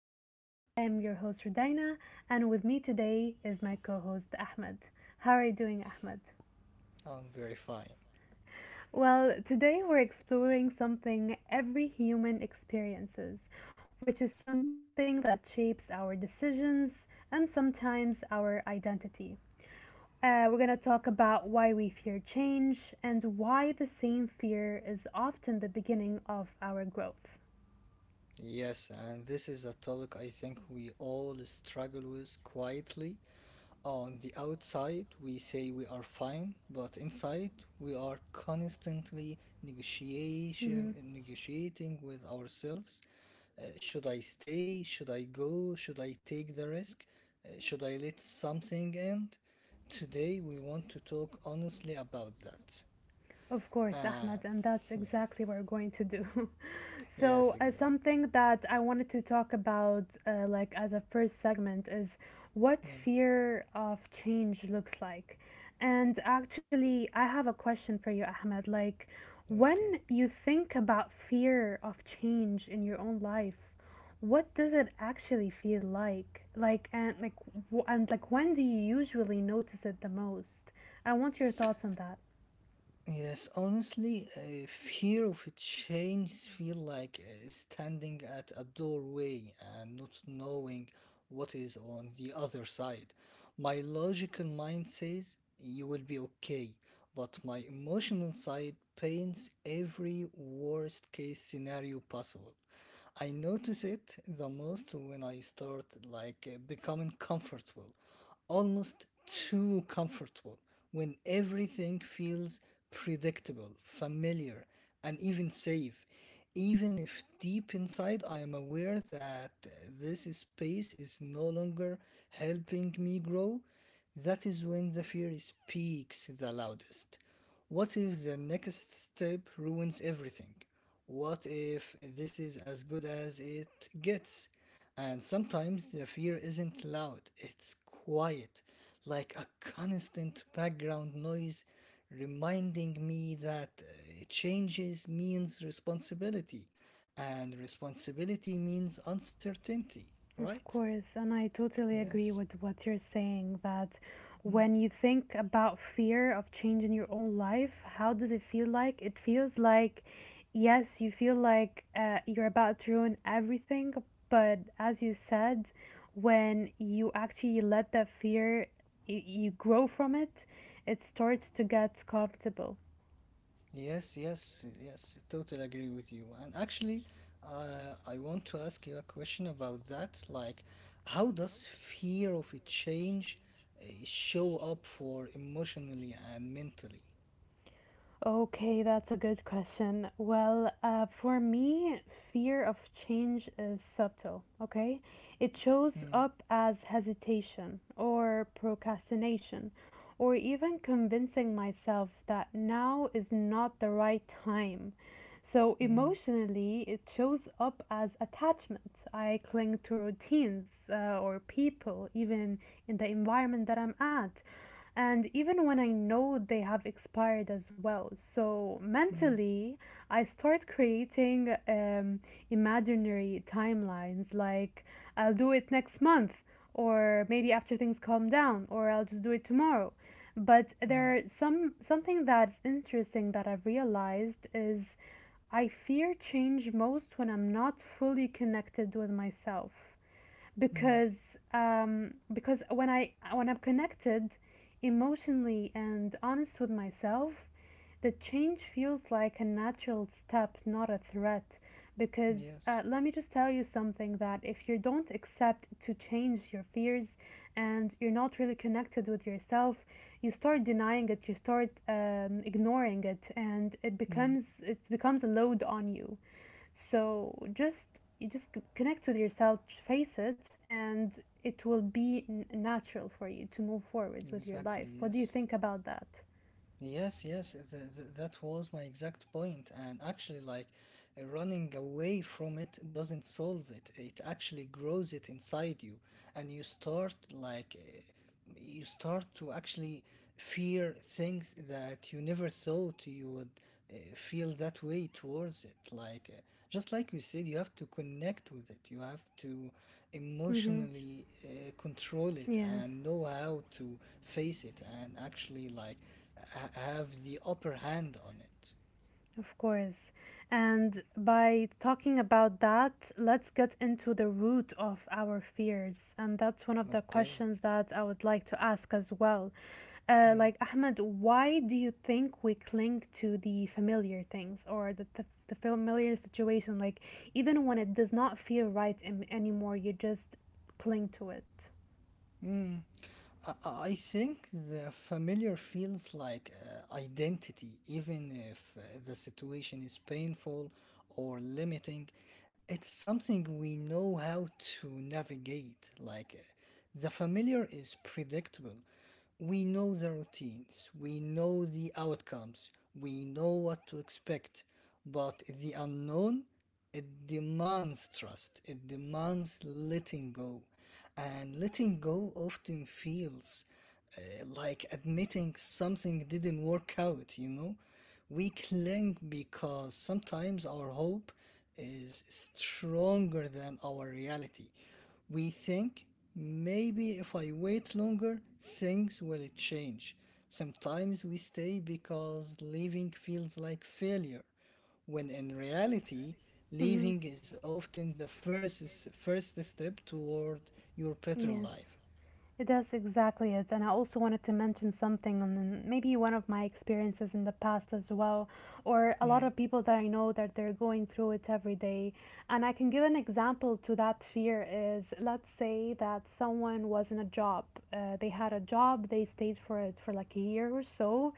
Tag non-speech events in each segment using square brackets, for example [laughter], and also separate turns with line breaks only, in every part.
Us. I am your host, Rudaina, and with me today is my co host, Ahmed. How are you doing, Ahmed?
I'm very fine.
Well, today we're exploring something every human experiences, which is something that shapes our decisions and sometimes our identity. We're going to talk about why we fear change and why the same fear is often the beginning of our growth.
Yes, and this is a topic I think we all struggle with quietly. On the outside, we say we are fine, but inside, we are constantly negotiating with ourselves. Should I stay? Should I go? Should I take the risk? Should I let something in? Today, we want to talk honestly about that.
Of course, Ahmed,
And
and that's
[laughs] yes,
exactly what we're going to do. [laughs]
yes,
so, uh,
exactly.
something that I wanted to talk about, like as a first segment, is what
Hmm,
fear of change looks like. And actually, I have a question for you, Ahmed. Like,
okay.
when you think about fear of change in your own life, what does it actually feel like? Like, and like, when do you usually notice it the most? I want your thoughts on that.
Yes, honestly, fear of a change feel like standing at a doorway and not knowing what is on the other side. My logical mind says you will be okay, but my emotional side paints every worst case scenario possible. I notice it the most when I start like becoming comfortable, almost too comfortable, when everything feels predictable, familiar, and even safe. Even if deep inside I am aware that this space is no longer helping me grow, that is when the fear speaks the loudest. What if the next step ruins everything? What if this is as good as it gets? And sometimes the fear isn't loud, it's quiet, like a constant background noise reminding me that changes means responsibility, and responsibility means uncertainty,
Of
right?
course, and I totally agree
Yes.
with what you're saying that
Hmm.
when you think about fear of change in your own life, how does it feel like? It feels like, yes, you feel like you're about to ruin everything, but as you said, when you actually let that fear, you grow from it, it starts to get comfortable.
Yes, yes, yes, totally agree with you. And actually, I want to ask you a question about that. Like, how does fear of a change show up for emotionally and mentally?
Okay, that's a good question. Well, for me, fear of change is subtle, okay? It shows
Mm,
up as hesitation or procrastination or even convincing myself that now is not the right time. So,
mm,
emotionally, it shows up as attachment. I cling to routines or people, even in the environment that I'm at and even when I know they have expired as well. So
mm,
mentally, I start creating imaginary timelines like I'll do it next month, or maybe after things calm down, or I'll just do it tomorrow. But
mm,
there are something that's interesting that I've realized is I fear change most when I'm not fully connected with myself
mm.
because because when I'm connected emotionally and honest with myself, the change feels like a natural step, not a threat. Because
Yes,
let me just tell you something that if you don't accept to change your fears and you're not really connected with yourself, you start denying it, you start ignoring it, and it
mm,
becomes it becomes a load on you. So just you just connect with yourself, face it, and it will be natural for you to move forward with your
exactly,
life. What do you
yes.
think about that?
Yes, yes, that was my exact point. And actually, like running away from it doesn't solve it. It actually grows it inside you, and you start to actually fear things that you never thought you would feel that way towards it. Just like we said, you have to connect with it. You have to
Mm-hmm.
emotionally control it
Yes.
and know how to face it and actually like have the upper hand on it.
Of course. And by talking about that, let's get into the root of our fears. And that's one of the
Okay.
questions that I would like to ask as well.
Mm.
Ahmed, why do you think we cling to the familiar things or the familiar situation? Like, even when it does not feel right anymore, you just cling to it.
Mm. I think the familiar feels like identity, even if the situation is painful or limiting. It's something we know how to navigate. The familiar is predictable, we know the routines, we know the outcomes, we know what to expect, but the unknown, it demands trust, it demands letting go. And letting go often feels like admitting something didn't work out. We cling because sometimes our hope is stronger than our reality. We think maybe if I wait longer, things will change. Sometimes we stay because leaving feels like failure, when in reality,
Mm-hmm.
leaving is often the first step toward your better
Yes.
life.
It does exactly it. And I also wanted to mention something on maybe one of my experiences in the past as well, or a
Hmm,
lot of people that I know that they're going through it every day. And I can give an example to that fear is let's say that someone was in a job, they had a job, they stayed for it for like a year or so,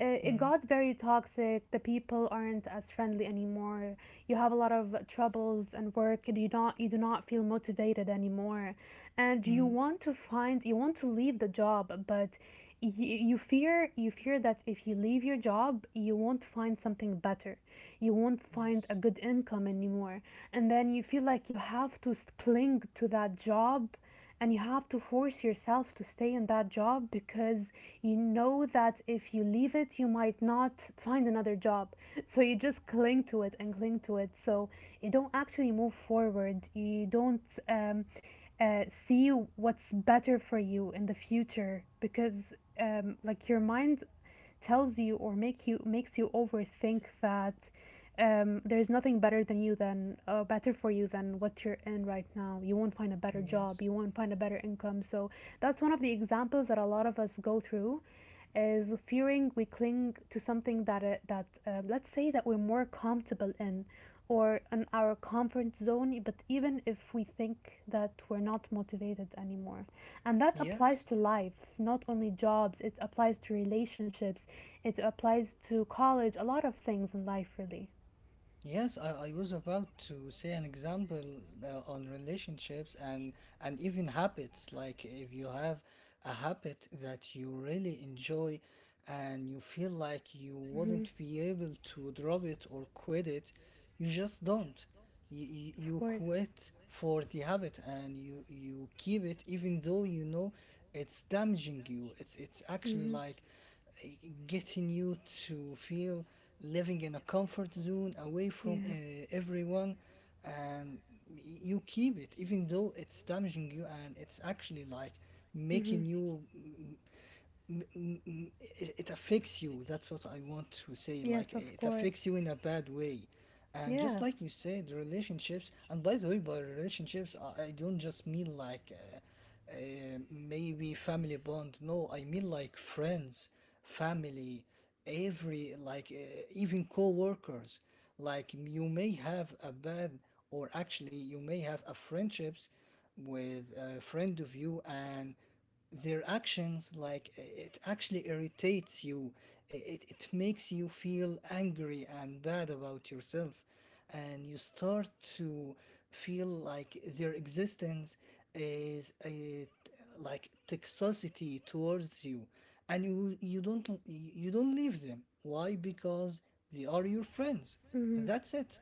it
hmm,
got very toxic. The people aren't as friendly anymore. You have a lot of troubles and work, and you do not feel motivated anymore. And
hmm.
you want to leave the job, but you fear that if you leave your job, you won't find something better. You won't find a
Yes,
good income anymore, and then you feel like you have to cling to that job and you have to force yourself to stay in that job because you know that if you leave it, you might not find another job, so you just cling to it, so you don't actually move forward. You don't see what's better for you in the future because like your mind tells you or makes you overthink that there is nothing better than you than better for you than what you're in right now. You won't find a better job,
yes,
you won't find a better income, so that's one of the examples that a lot of us go through is fearing we cling to something that let's say that we're more comfortable in or in our comfort zone, but even if we think that we're not motivated anymore. And that applies
yes.
to life, not only jobs. It applies to relationships, it applies to college, a lot of things in life, really.
Yes, I was about to say an example on relationships and even habits. Like if you have a habit that you really enjoy and you feel like you wouldn't be able to drop it or quit it, you just don't you, you
Of
you
course.
quit for the habit and you keep it even though you know it's damaging you, it's actually
Mhm. Like.
like uh, getting you to feel living in a comfort zone away from
Yeah.
everyone. And you keep it even though it's damaging you and it's actually like
Mm-hmm.
making you mm, it, it affects you. That's what I want to say. Like
Yes, of
it
course.
affects you in a bad way. And just
Yeah.
like you said, relationships. And by the way, by relationships, I don't just mean like maybe family bond. No, I mean like friends, family, every like even co-workers. Like you may have a bad, or actually you may have a friendships with a friend of you and their actions like it actually irritates you, it makes you feel angry and bad about yourself and you start to feel like their existence is a like toxicity towards you, and you don't leave them. Why? Because they are your friends,
Mm-hmm.
that's it.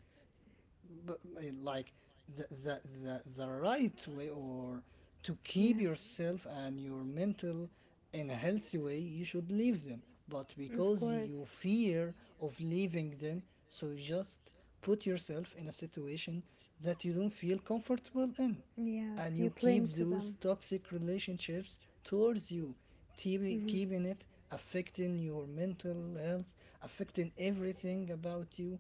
Like the right way or to keep yourself and your mental in a healthy way, you should leave them. But
Them. You
because
of so do.
you fear of leaving them, so you just put yourself in a situation that you don't feel comfortable in, and
Yes,
you
you.
keep those toxic relationships towards you, keeping it affecting your mental health, affecting everything about you.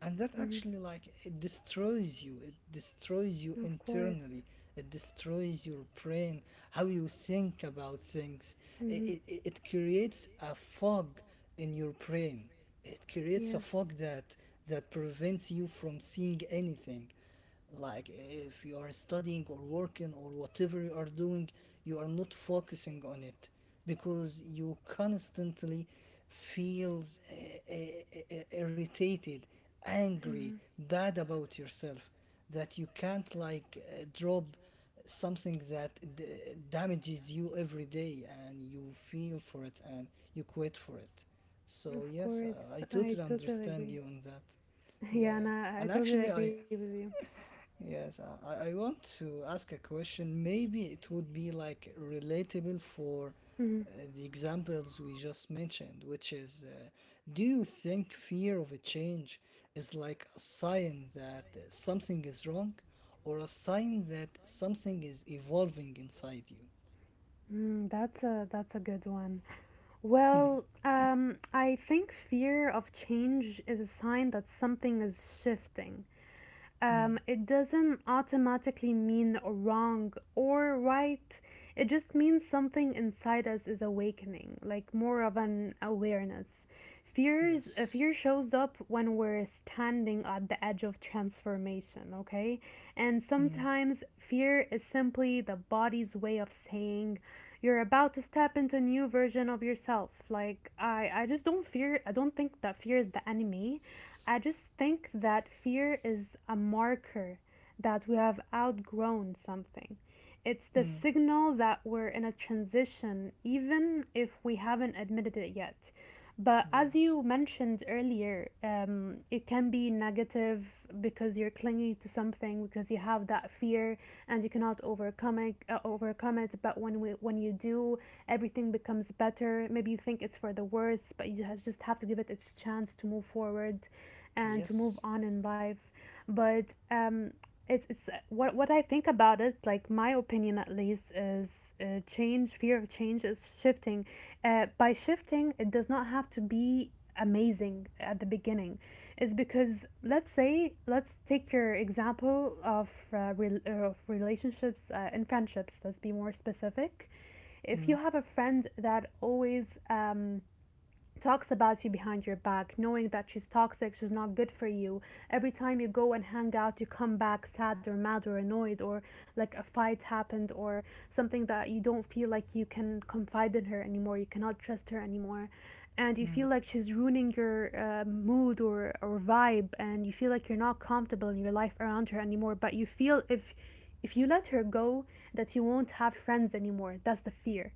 And that actually, like, it destroys you. It destroys you internally. It destroys your brain, how you think about
About
things.
things. Mm-hmm.
It creates a fog in your brain. It creates a fog that prevents you from seeing anything. Like if you are studying or working or whatever you are doing, you are not focusing on it because you constantly feels irritated, angry, bad about yourself, that you can't like drop something that damages you every day and you feel for it and you quit for it. So
Yes. Creates. Mhm. Of
yes, I
course, I
totally
totally
understand
agree.
you on that.
[laughs]
yeah,
Yeah, and
yeah.
I
And
totally
actually
agree
I
with you.
Yes, I want to ask a question. Maybe it would be like relatable for
Mm-hmm.
uh, the examples we just mentioned, which is do you think fear of a change is like a sign that something is wrong or a sign that something is evolving inside you?
Mm, that's a good one. Well,
[laughs]
I think fear of change is a sign that something is shifting. Um,
Mm,
it doesn't automatically mean wrong or right. It just means something inside us is awakening, like more of an awareness. fears uh,
yes.
fear shows up when we're standing at the edge of transformation, okay? And
Mm,
sometimes fear is simply the body's way of saying you're about to step into a new version of yourself. Like, I just don't fear, I don't think that fear is the enemy. I just think that fear is a marker that we have outgrown something. It's the
mm,
signal that we're in a transition, even if we haven't admitted it yet. But as
yes.
you mentioned earlier, it can be negative because you're clinging to something because you have that fear and you cannot overcome it. But when we when you do, everything becomes better. Maybe you think it's for the worst, but you just have to give it its chance to move forward, and to move
Yes.
on in life. But it's what I think about it. Like my opinion, at least, is change. Fear of change is shifting. By shifting, it does not have to be amazing at the beginning. Is because let's say let's take your example of of relationships and friendships. Let's be more specific. If you
Mm,
have a friend that always talks about you behind your back, knowing that she's toxic, she's not good for you. Every time you go and hang out, you come back sad or mad or annoyed, or like a fight happened, or something that you don't feel like you can confide in her anymore, you cannot trust her anymore. And you
mm,
feel like she's ruining your mood or vibe, and you feel like you're not comfortable in your life around her anymore. But you feel if you let her go, that you won't have friends anymore. That's the fear.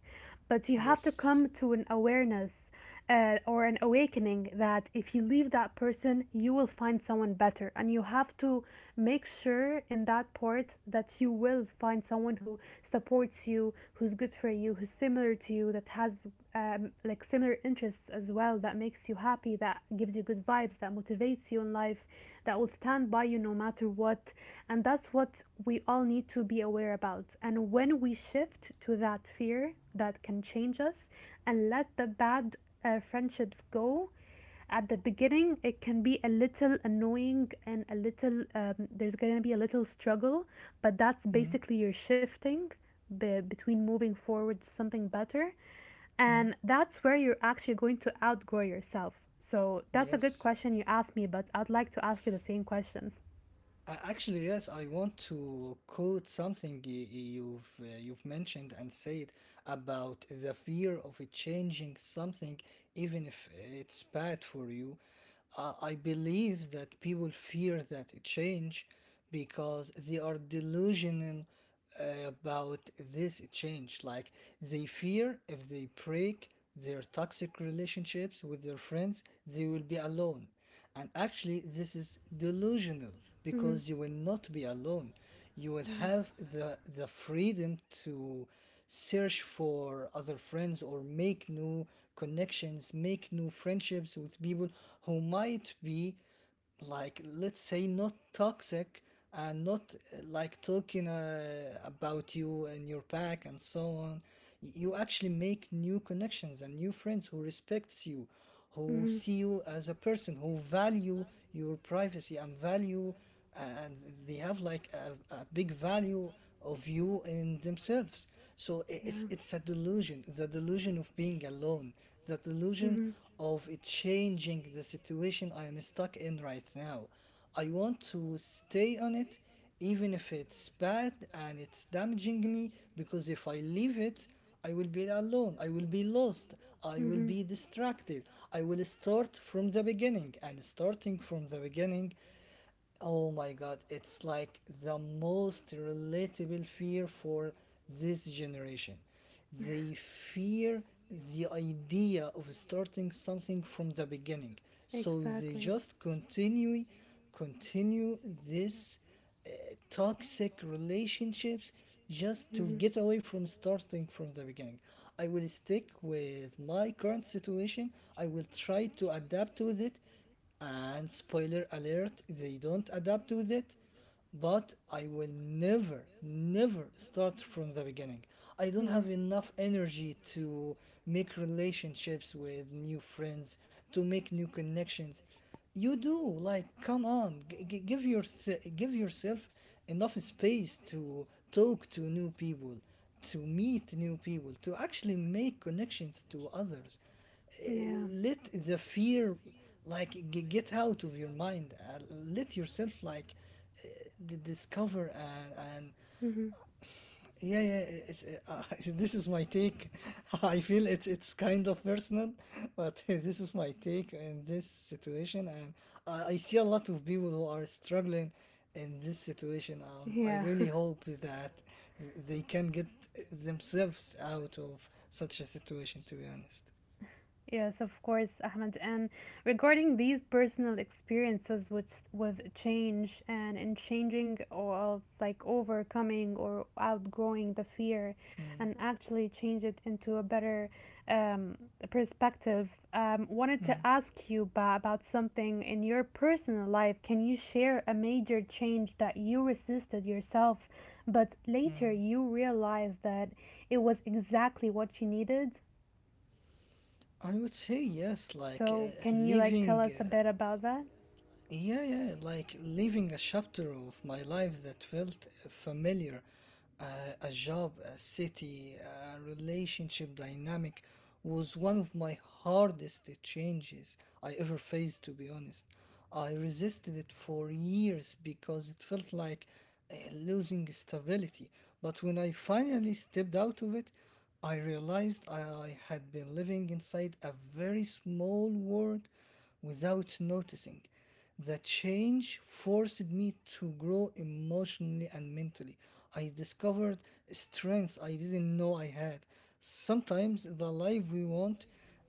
But you have to
yes.
come to an awareness or an awakening that if you leave that person, you will find someone better. And you have to make sure in that part that you will find someone who supports you, who's good for you, who's similar to you, that has like similar interests as well, that makes you happy, that gives you good vibes, that motivates you in life, that will stand by you no matter what. And that's what we all need to be aware about. And when we shift to that fear that can change us and let the bad friendships go, at the beginning it can be a little annoying and a little there's going to be a little struggle, but that's
Mm,
basically your shifting between moving forward to something better,
mm,
and that's where you're actually going to outgrow yourself. So that's a good
yes.
question you asked me, but I'd like to ask you the same question.
Actually, yes, I want to quote something you've mentioned and said about the fear of it changing something, even if it's bad for you. I believe that people fear that change because they are delusional about this change. Like they fear if they break their toxic relationships with their friends, they will be alone. And actually, this is delusional
Mm-hmm.
because you will not be alone. You will
Yeah.
have the freedom to search for other friends or make new connections, make new friendships with people who might be like, let's say, not toxic and not like talking about you and your back and so on. You actually make new connections and new friends who respects you, who
Mm-hmm.
see you as a person who value your privacy and value, and they have like a big value of you in themselves. So it's a delusion, the delusion of being alone, the delusion of it changing the situation I am stuck in right now. I want to stay on it even if it's bad and it's damaging me, because if I leave it, I will be alone. I will be lost. I will be distracted. I will start from the beginning. And starting from the beginning, oh my god, it's like the most relatable fear for this generation. They fear the idea of starting something from the beginning. So they just continue this uh, toxic relationships just to
Mhm.
get away from starting from the beginning. I will stick with my current situation. I will try to adapt with it, and spoiler alert, they don't adapt with it. But I will never start from the beginning. I don't
Mhm.
have enough energy to make relationships with new friends, to make new connections. You do, like, come on, give your give yourself enough space to talk to new people, to meet new people, to actually make connections to others. uh,
Yeah.
Let the fear like get out of your mind. Let yourself like uh, discover and
Mhm.
yeah yeah it's, [laughs] this is my take [laughs] I feel it's kind of personal but [laughs] this is my take in this situation. And I see a lot of people who are struggling in this situation and I
Yeah. [laughs]
really hope that they can get themselves out of such a situation, to be honest.
Yes, of course, Ahmed. And regarding these personal experiences which with change and in changing or like overcoming or outgrowing the fear
Mm.
and actually change it into a better um, perspective, wanted to
Mm.
ask you about something in your personal life. Can you share a major change that you resisted yourself, but later
Mm.
you realized that it was exactly what you needed?
I would say yes, like
So, can you like tell
living
us a bit
yeah, yeah, like leaving a chapter of my life that felt familiar. Uh, a job, a city, a relationship dynamic was one of my hardest changes I ever faced, to be honest. I resisted it for years because it felt like losing stability. But when I finally stepped out of it, I realized I had been living inside a very small world without noticing. The change forced me to grow emotionally and mentally. I discovered strengths I didn't know I had. Sometimes the life we want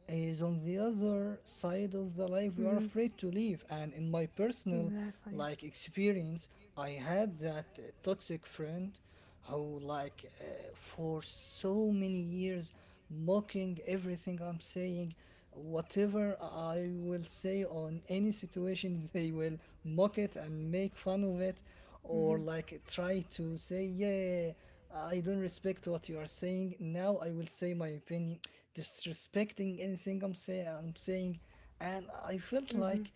is on the other side of the life we are afraid to live. And in my personal
personal.
like experience, I had that toxic friend who for so many years mocking everything I'm saying. Whatever I will say on any situation, [laughs] they will mock it and make fun of it, or like try to say, "Yeah, I don't respect what you are saying. Now I will say my opinion," disrespecting anything I'm saying. And I felt like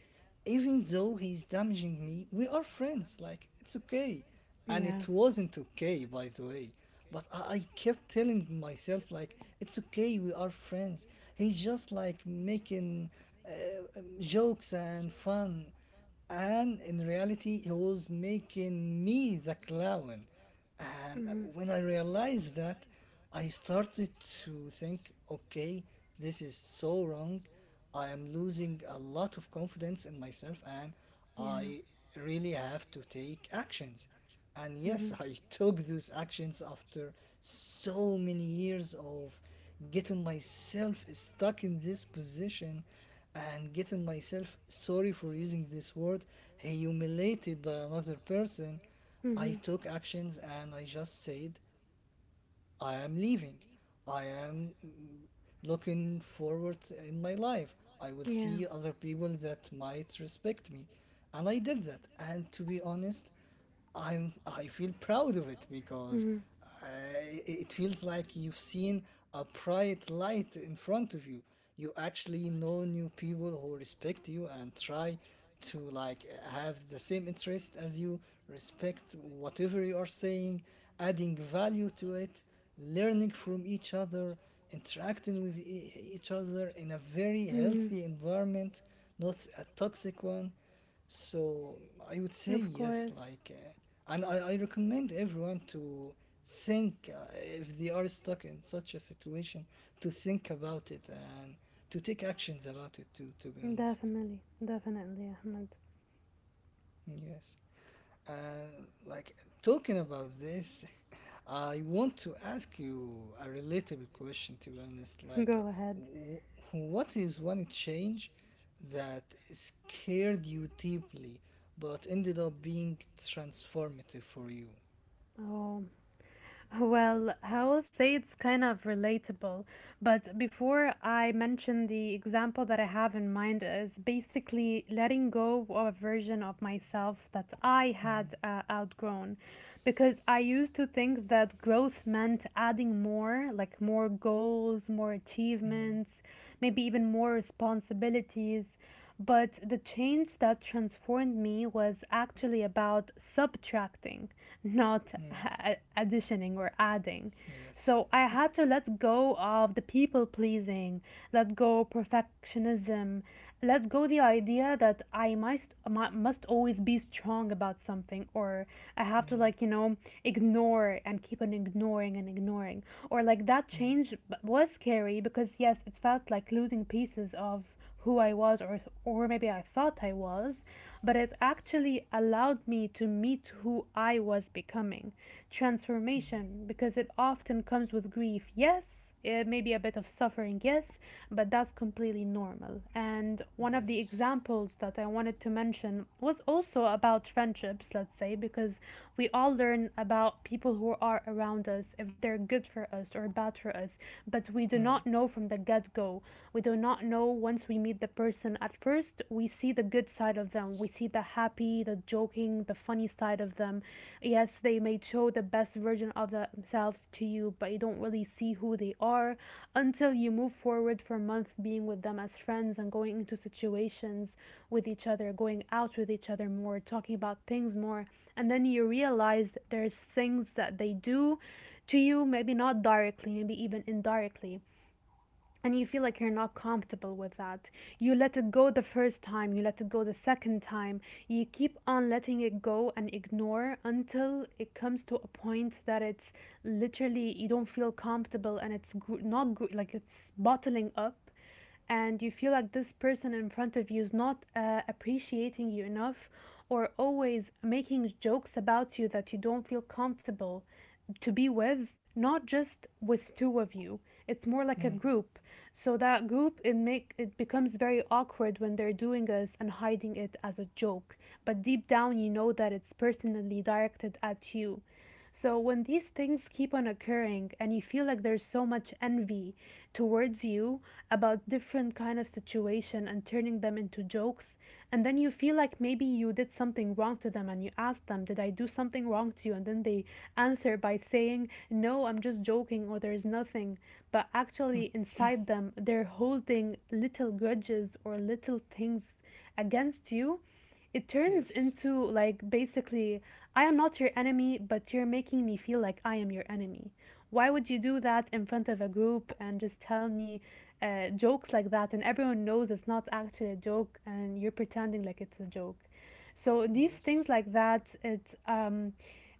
even though he's damaging me, we are friends. Like, it's okay and it wasn't okay by the way but I kept telling myself like it's okay we are friends he's just like making jokes and fun and in reality he was making me the clown and when I realized that, I started to think, okay, this is so wrong. I am losing a lot of confidence in myself and
Yeah.
I really have to take actions. And yes,
Mhm.
[laughs] I took those actions after so many years of getting myself stuck in this position and getting myself, sorry for using this word, humiliated by another person. I
Mhm.
took actions and I just said I am leaving. I am looking forward in my life. I will
Yeah.
see
I
other people that might respect me. And I did that. And to be honest, I feel proud of it because
Mhm.
I, it feels like you've seen a bright light in front of you. You actually know new people who respect you and try to like have the same interest as you, respect whatever you are saying, adding value to it learning from each other, interacting with each other in a very
Mhm.
healthy environment, not a toxic one. So I would say
Of
yes,
course.
like, and I recommend everyone to think if they are stuck in such a situation to think about it and to take
Like.
actions about it too, to be honest.
Definitely. Definitely, Ahmed. [laughs]
Yes. And like talking about this, [laughs] I want to ask you a relatable question to be honest. Like,
Go ahead.
w- what is one change that scared you deeply but ended up being transformative for you?
Oh, well, I will say it's kind of relatable, but before I mention the example that I have in mind is basically letting go of a version of myself that I
Mm,
had outgrown. Because I used to think that growth meant adding more, like more goals, more
mm,
achievements, maybe even more responsibilities. But the change that transformed me was actually about subtracting, not
mm.
a- additioning or adding.
Yes.
So I had to let go of the people pleasing, let go perfectionism, let go the idea that I must must always be strong about something, or I have to
Mm,
ignore and keep on ignoring and ignoring, or like that
mm,
change was scary because yes, it felt like losing pieces of who I was, or maybe I thought I was, but it actually allowed me to meet who I was becoming.
mm.
Transformation, because it often comes with grief. Yes, it may be a bit of suffering, yes, but that's completely normal. And one of the
Yes.
examples that I wanted to mention was also about friendships, let's say, because we all learn about people who are around us, if they're good for us or bad for us, but we do
Mm,
not know from the get go. We do not know once we meet the person. At first, we see the good side of them. We see the happy, the joking, the funny side of them. Yes, they may show the best version of themselves to you, but you don't really see who they are until you move forward for months being with them as friends and going into situations with each other, going out with each other more, talking about things more, and then you realize that there's things that they do to you, maybe not directly, maybe even indirectly, and you feel like you're not comfortable with that. You let it go the first time, you let it go the second time, you keep on letting it go and ignore until it comes to a point that it's literally, you don't feel comfortable, and it's not good, like it's bottling up, and you feel like this person in front of you is not appreciating you enough, or always making jokes about you that you don't feel comfortable to be with, not just with two of you, it's more like a
mm.
group. So that group, it make it becomes very awkward when they're doing this and hiding it as a joke, but deep down you know that it's personally directed at you. So when these things keep on occurring and you feel like there's so much envy towards you about different kind of situation and turning them into jokes, and then you feel like maybe you did something wrong to them, and you ask them, "Did I do something wrong to you?" And then they answer by saying, "No, I'm just joking," or "There's nothing." But actually
[laughs]
inside them, they're holding little grudges or little things against you. It turns
Yes.
into like, basically, I am not your enemy, but you're making me feel like I am your enemy. Why would you do that in front of a group and just tell me jokes like that? And everyone knows it's not actually a joke, and you're pretending like it's a joke. So these
Yes.
things like that, it um,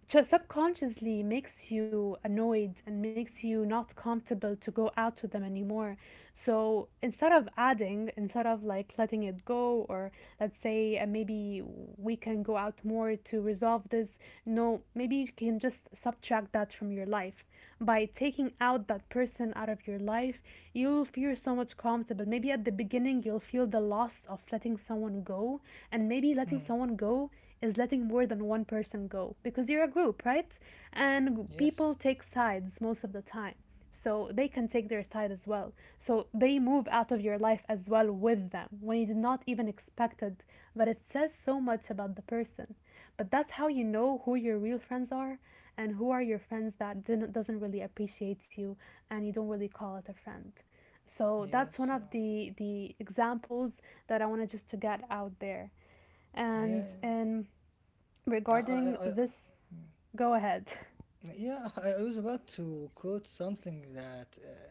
ju- subconsciously makes you annoyed and makes you not comfortable to go out with them anymore. So instead of adding, instead of like letting it go, or let's say maybe we can go out more to resolve this, no, maybe you can just subtract that from your life. By taking out that person out of your life, you'll feel so much comfortable. Maybe at the beginning, you'll feel the loss of letting someone go, and maybe letting
Mm.
someone go is letting more than one person go because you're a group, right? And people
Yes.
take sides most of the time, so they can take their side as well, so they move out of your life as well with them when you did not even expect it. But it says so much about the person. But that's how you know who your real friends are and who are your friends that didn't, doesn't really appreciate you, and you don't really call it a friend. So that's
Yes.
one of the examples that I wanted just to get out there.
Yeah.
and
Yeah.
and
啊啊啊
regarding
啊！
this.
嗯，
Go ahead.
Yeah, I was about to quote something that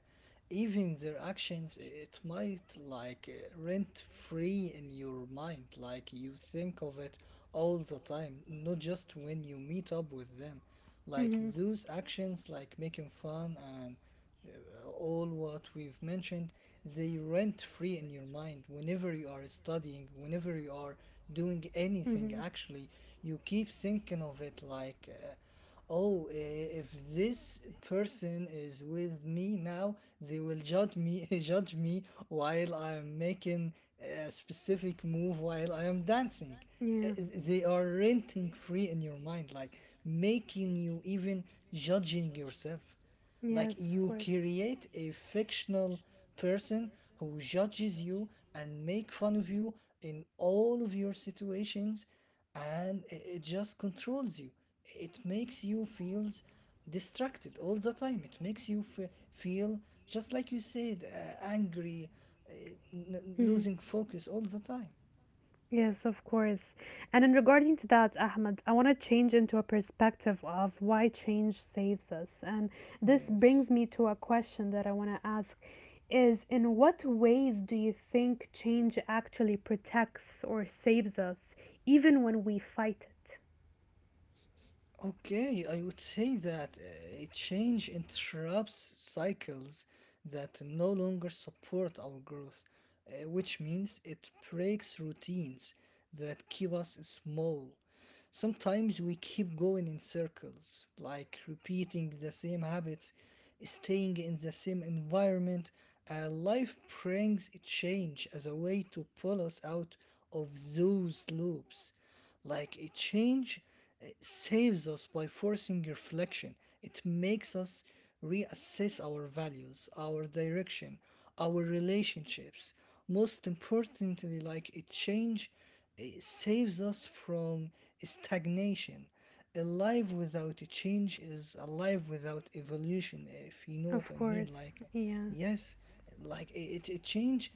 even their actions, it might like rent free in your mind. Like you think of it all the time, not just when you meet up with them.
[laughs]
Like
hmm.
those actions, like making fun and all what we've mentioned, they rent free in your mind. Whenever you are studying, whenever you are doing anything, actually, you keep thinking of it like. Oh, if this
This.
person is with me now, they will judge me, [laughs] judge me while I'm making a specific move while I am dancing.
Yeah.
They are renting free in your mind, like making you even judging yourself. Like
Yes.
you create a fictional person who judges you and make fun of you in all of your situations and it just controls you. It makes you feels distracted all the time. It makes you fe feel just like you said, angry, uh,
Mm-hmm.
losing focus all the time.
Yes, of course. And in regarding to that, Ahmed, I want to change into a perspective of why change saves us. And this brings
Yes.
me to a question that I want to ask is, in what ways do you think change actually protects or saves us even when we fight it?
Okay, I would say that a change interrupts cycles that no longer support our growth, which means it breaks routines that keep us small. Sometimes we keep going in circles, like repeating the same habits, staying in the same environment. Life brings a change as a way to pull us out of those loops. Like a change saves us by forcing reflection. It makes us reassess our values, our direction, our relationships. Most importantly, like a change saves us from stagnation. A life without a change is a life without evolution, if you know what
Of
I mean.
course.
Like,
Yes.
yes, like a change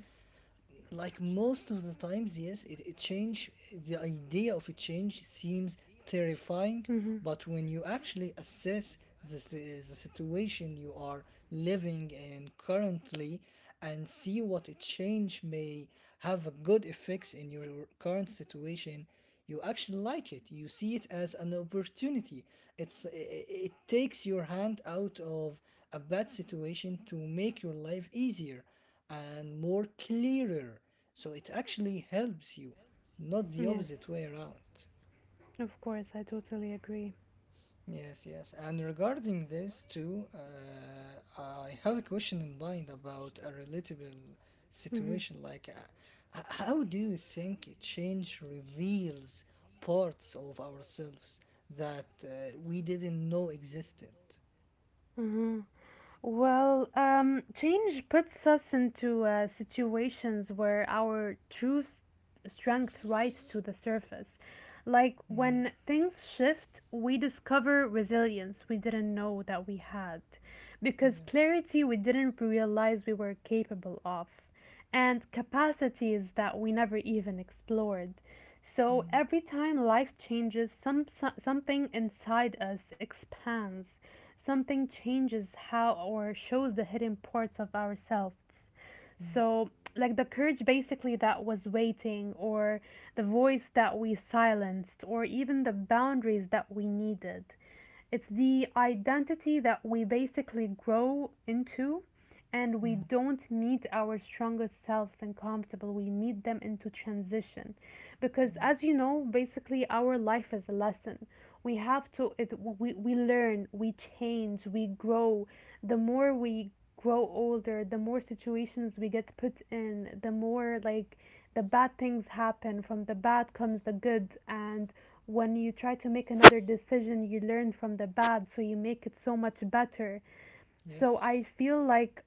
like most of the times, yes, it change the idea of a change seems terrifying,
Mhm.
but when you actually assess the situation you are living in currently and see what a change may have a good effects in your current situation, you actually like it. You see it as an opportunity. It takes your hand out of a bad situation to make your life easier and more clearer. So it actually helps you, not the opposite
Yes.
way around.
Of course, I totally agree.
Yes, yes. And regarding this too, I have a question in mind about a relatable
Mhm.
situation. Like, how do you think change reveals parts of ourselves that we didn't know existed?
Hmm. Well, change puts us into situations where our true strength rises to the surface. Like when
Mm,
things shift, we discover resilience we didn't know that we had, because
yes.
clarity we didn't realize we were capable of, and capacities that we never even explored. So
Mm,
every time life changes, something inside us expands. Something changes how or shows the hidden parts of ourselves.
mm,
So, like the courage basically that was waiting, or the voice that we silenced, or even the boundaries that we needed. It's the identity that we basically grow into, and we
mm,
don't meet our strongest selves and comfortable, we meet them into transition, because as
yes.
you know, basically our life is a lesson. We have to it, we learn, we change, we grow. The more we grow older, the more situations we get put in, the more like the bad things happen. From the bad comes the good, and when you try to make another decision, you learn from the bad, so you make it so much better. So
Yes.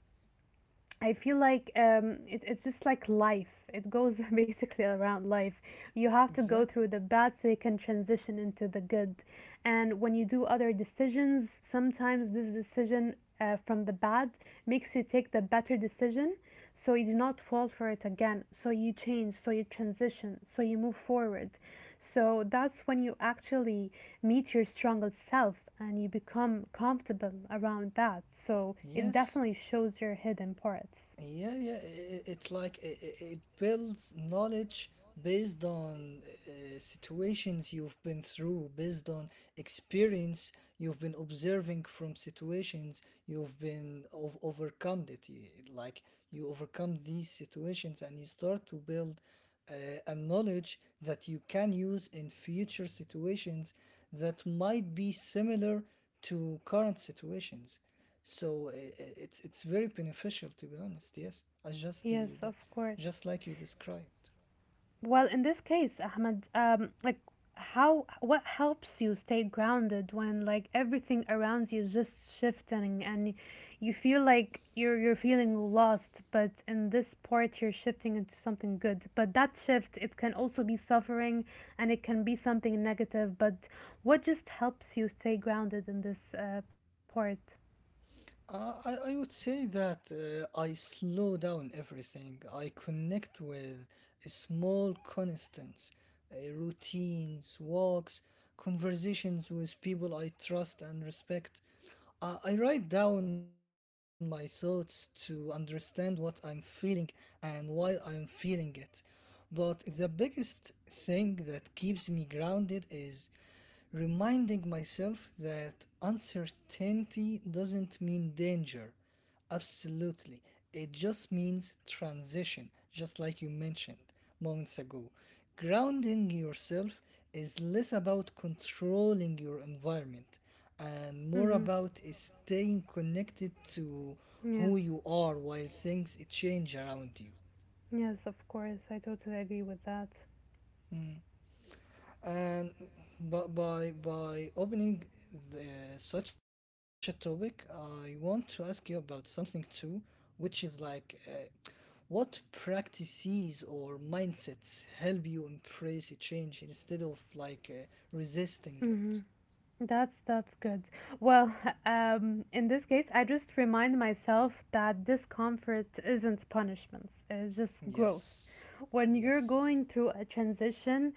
I feel like it's just like life. It goes [laughs] basically around life. You have to go
Exactly.
through the bad so you can transition into the good. And when you do other decisions, sometimes this decision from the bad makes you take the better decision, so you do not fall for it again. So you change, so you transition, so you move forward. So that's when you actually meet your strongest self and you become comfortable around that. So it
Yes.
definitely shows your hidden parts.
Yeah, it's like it builds knowledge based on situations you've been through, based on experience you've been observing from situations overcome it. Like you overcome these situations and you start to build uh, a knowledge that you can use in future situations that might be similar to current situations so it's very beneficial to be honest yes as just you
Yes,
the,
of course.
just like you described.
Well, in this case, Ahmed, like how, what helps you stay grounded when like everything around you is just shifting and you feel like you're feeling lost, but in this part you're shifting into something good. But that shift, it can also be suffering and it can be something negative, but what just helps you stay grounded in this part?
I would say that I slow down everything. I connect with small constants, routines, walks, conversations with people I trust and respect. I write down my thoughts to understand what I'm feeling and why I'm feeling it. But the biggest thing that keeps me grounded is reminding myself that uncertainty doesn't mean danger. Absolutely. It just means transition, just like you mentioned moments ago. Grounding yourself is less about controlling your environment and
Mm-hmm.
more about staying connected to
Yeah.
who you are while things change around you.
Yes, of course. I totally agree with that.
Mm. and But by opening the, such a topic I want to ask you about something too which is like what practices or mindsets help you embrace a change instead of like resisting it.
Mm-hmm. That's good. Well, [laughs] in this case, I just remind myself that discomfort isn't punishment, it's just growth.
Yes.
When you're
Yes.
going through a transition,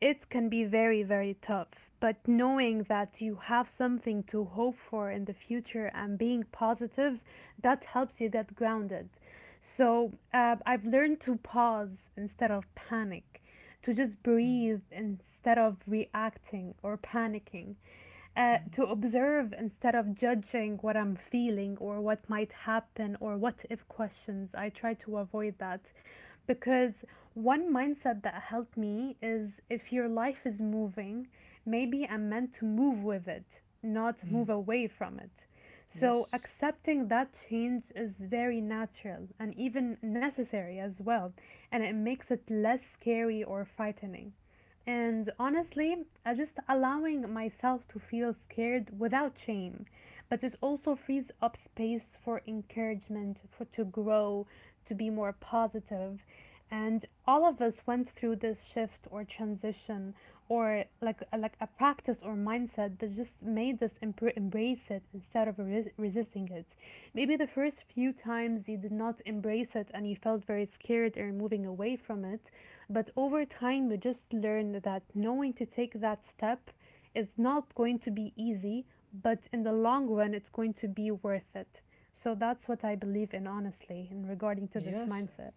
it can be very, very tough. But knowing that you have something to hope for in the future and being positive, that helps you get grounded. So I've learned to pause instead of panic, to just
Mm,
breathe instead of reacting or panicking, to
mm,
observe instead of judging what I'm feeling or what might happen, or what if questions. I try to avoid that, because one mindset that helped me is, if your life is moving, maybe I'm meant to move with it, not
mm.
move away from it. So
Yes.
accepting that change is very natural and even necessary as well, and it makes it less scary or frightening. And honestly, I just allowing myself to feel scared without shame, but it also frees up space for encouragement for to grow, to be more positive. And all of us went through this shift or transition, or like a practice or mindset that just made us embrace it instead of resisting it. Maybe the first few times you did not embrace it and you felt very scared or moving away from it, but over time you just learned that knowing to take that step is not going to be easy, but in the long run, it's going to be worth it. So that's what I believe in, honestly, in regarding to this
Yes.
mindset.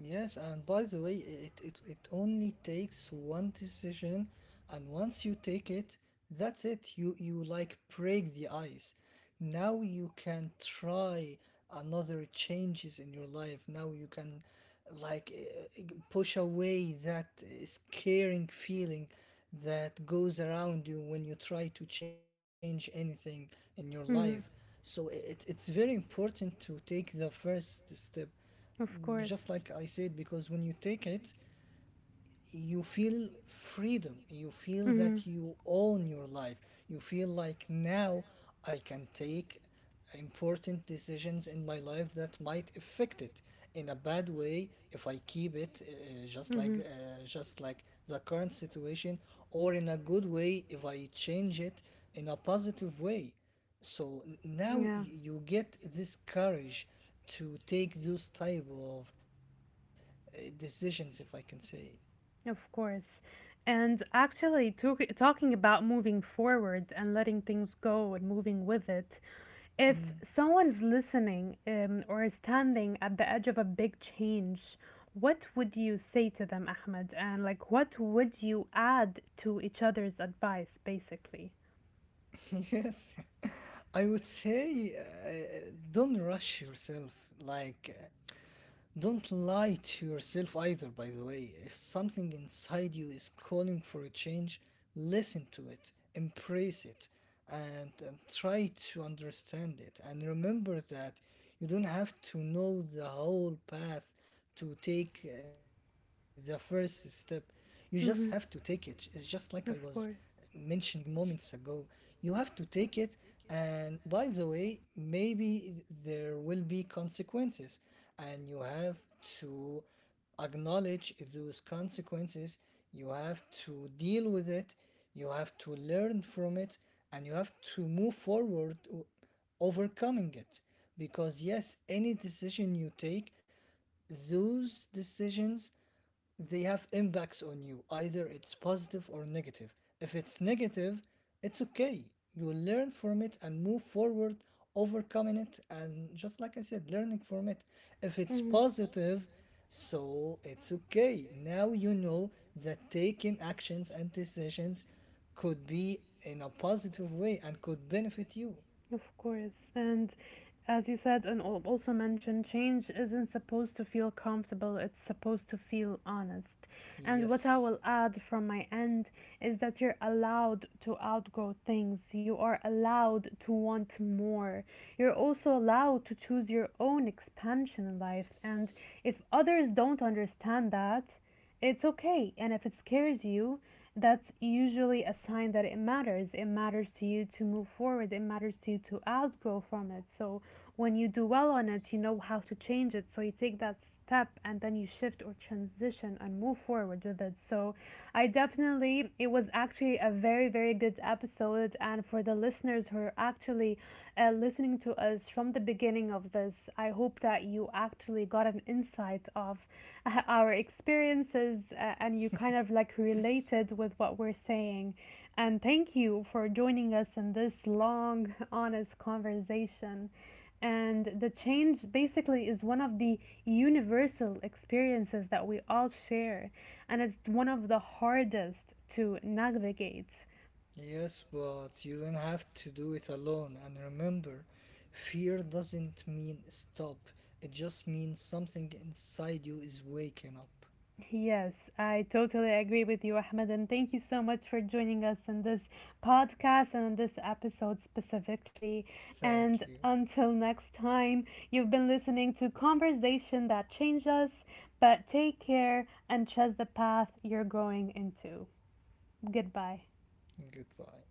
Yes, and by the way, it only takes one decision, and once you take it, that's it. You like break the ice. Now you can try another changes in your life. Now you can like uh, push away that scaring feeling that goes around you when you try to change anything in your life.
Mm-hmm.
So it's very important to take the first step
Of
just
course.
like I said, because when you take it, you feel freedom, you feel
Mm-hmm.
that you own your life, you feel like now I can take important decisions in my life that might affect it in a bad way if I keep it
Mm-hmm.
just like the current situation, or in a good way if I change it in a positive way. So
Yeah.
you get this courage to take those type of decisions, if I can say.
Of course. And actually, talking about moving forward and letting things go and moving with it, if someone's listening or is standing at the edge of a big change, what would you say to them, Ahmed? And like, what would you add to each other's advice, basically?
[laughs] Yes, [laughs] I would say don't rush yourself. Like, don't lie to yourself either, by the way. If something inside you is calling for a change, listen to it, embrace it, and try to understand it. And remember that you don't have to know the whole path to take the first step. You just have to take it.
Mm-hmm.
It's just like I was
Of course.
mentioning moments ago. You have to take it. And by the way, maybe there will be consequences, and you have to acknowledge those consequences. You have to deal with it. You have to learn from it, and you have to move forward, overcoming it. Because, yes, any decision you take, those decisions, they have impacts on you either it's positive or negative. If it's negative, it's okay, you will learn from it and move forward overcoming it and just like I said learning from it. If it's
Mm-hmm.
positive, so it's okay, now you know that taking actions and decisions could be in a positive way and could benefit you.
Of course. And as you said, and also mentioned, change isn't supposed to feel comfortable, it's supposed to feel honest. And what I
Yes.
will add from my end is that you're allowed to outgrow things, you are allowed to want more. You're also allowed to choose your own expansion in life. And if others don't understand that, it's okay. And if it scares you, that's usually a sign that it matters. It matters to you to move forward. It matters to you to outgrow from it. So when you do well on it, you know how to change it. So you take that step and then you shift or transition and move forward with it. So I definitely, it was actually a very, very good episode. And for the listeners who are actually listening to us from the beginning of this, I hope that you actually got an insight of our experiences and you kind of like related with what we're saying. And thank you for joining us in this long, honest conversation. And the change basically is one of the universal experiences that we all share. And it's one of the hardest to navigate.
Yes, but you don't have to do it alone. And remember, fear doesn't mean stop, it just means something inside you is waking up.
Yes, I totally agree with you, Ahmed, and thank you so much for joining us in this podcast and in this episode specifically. And
Thank you.
until next time, you've been listening to Conversation That Change Us, but take care and trust the path you're going into. Goodbye.
Goodbye.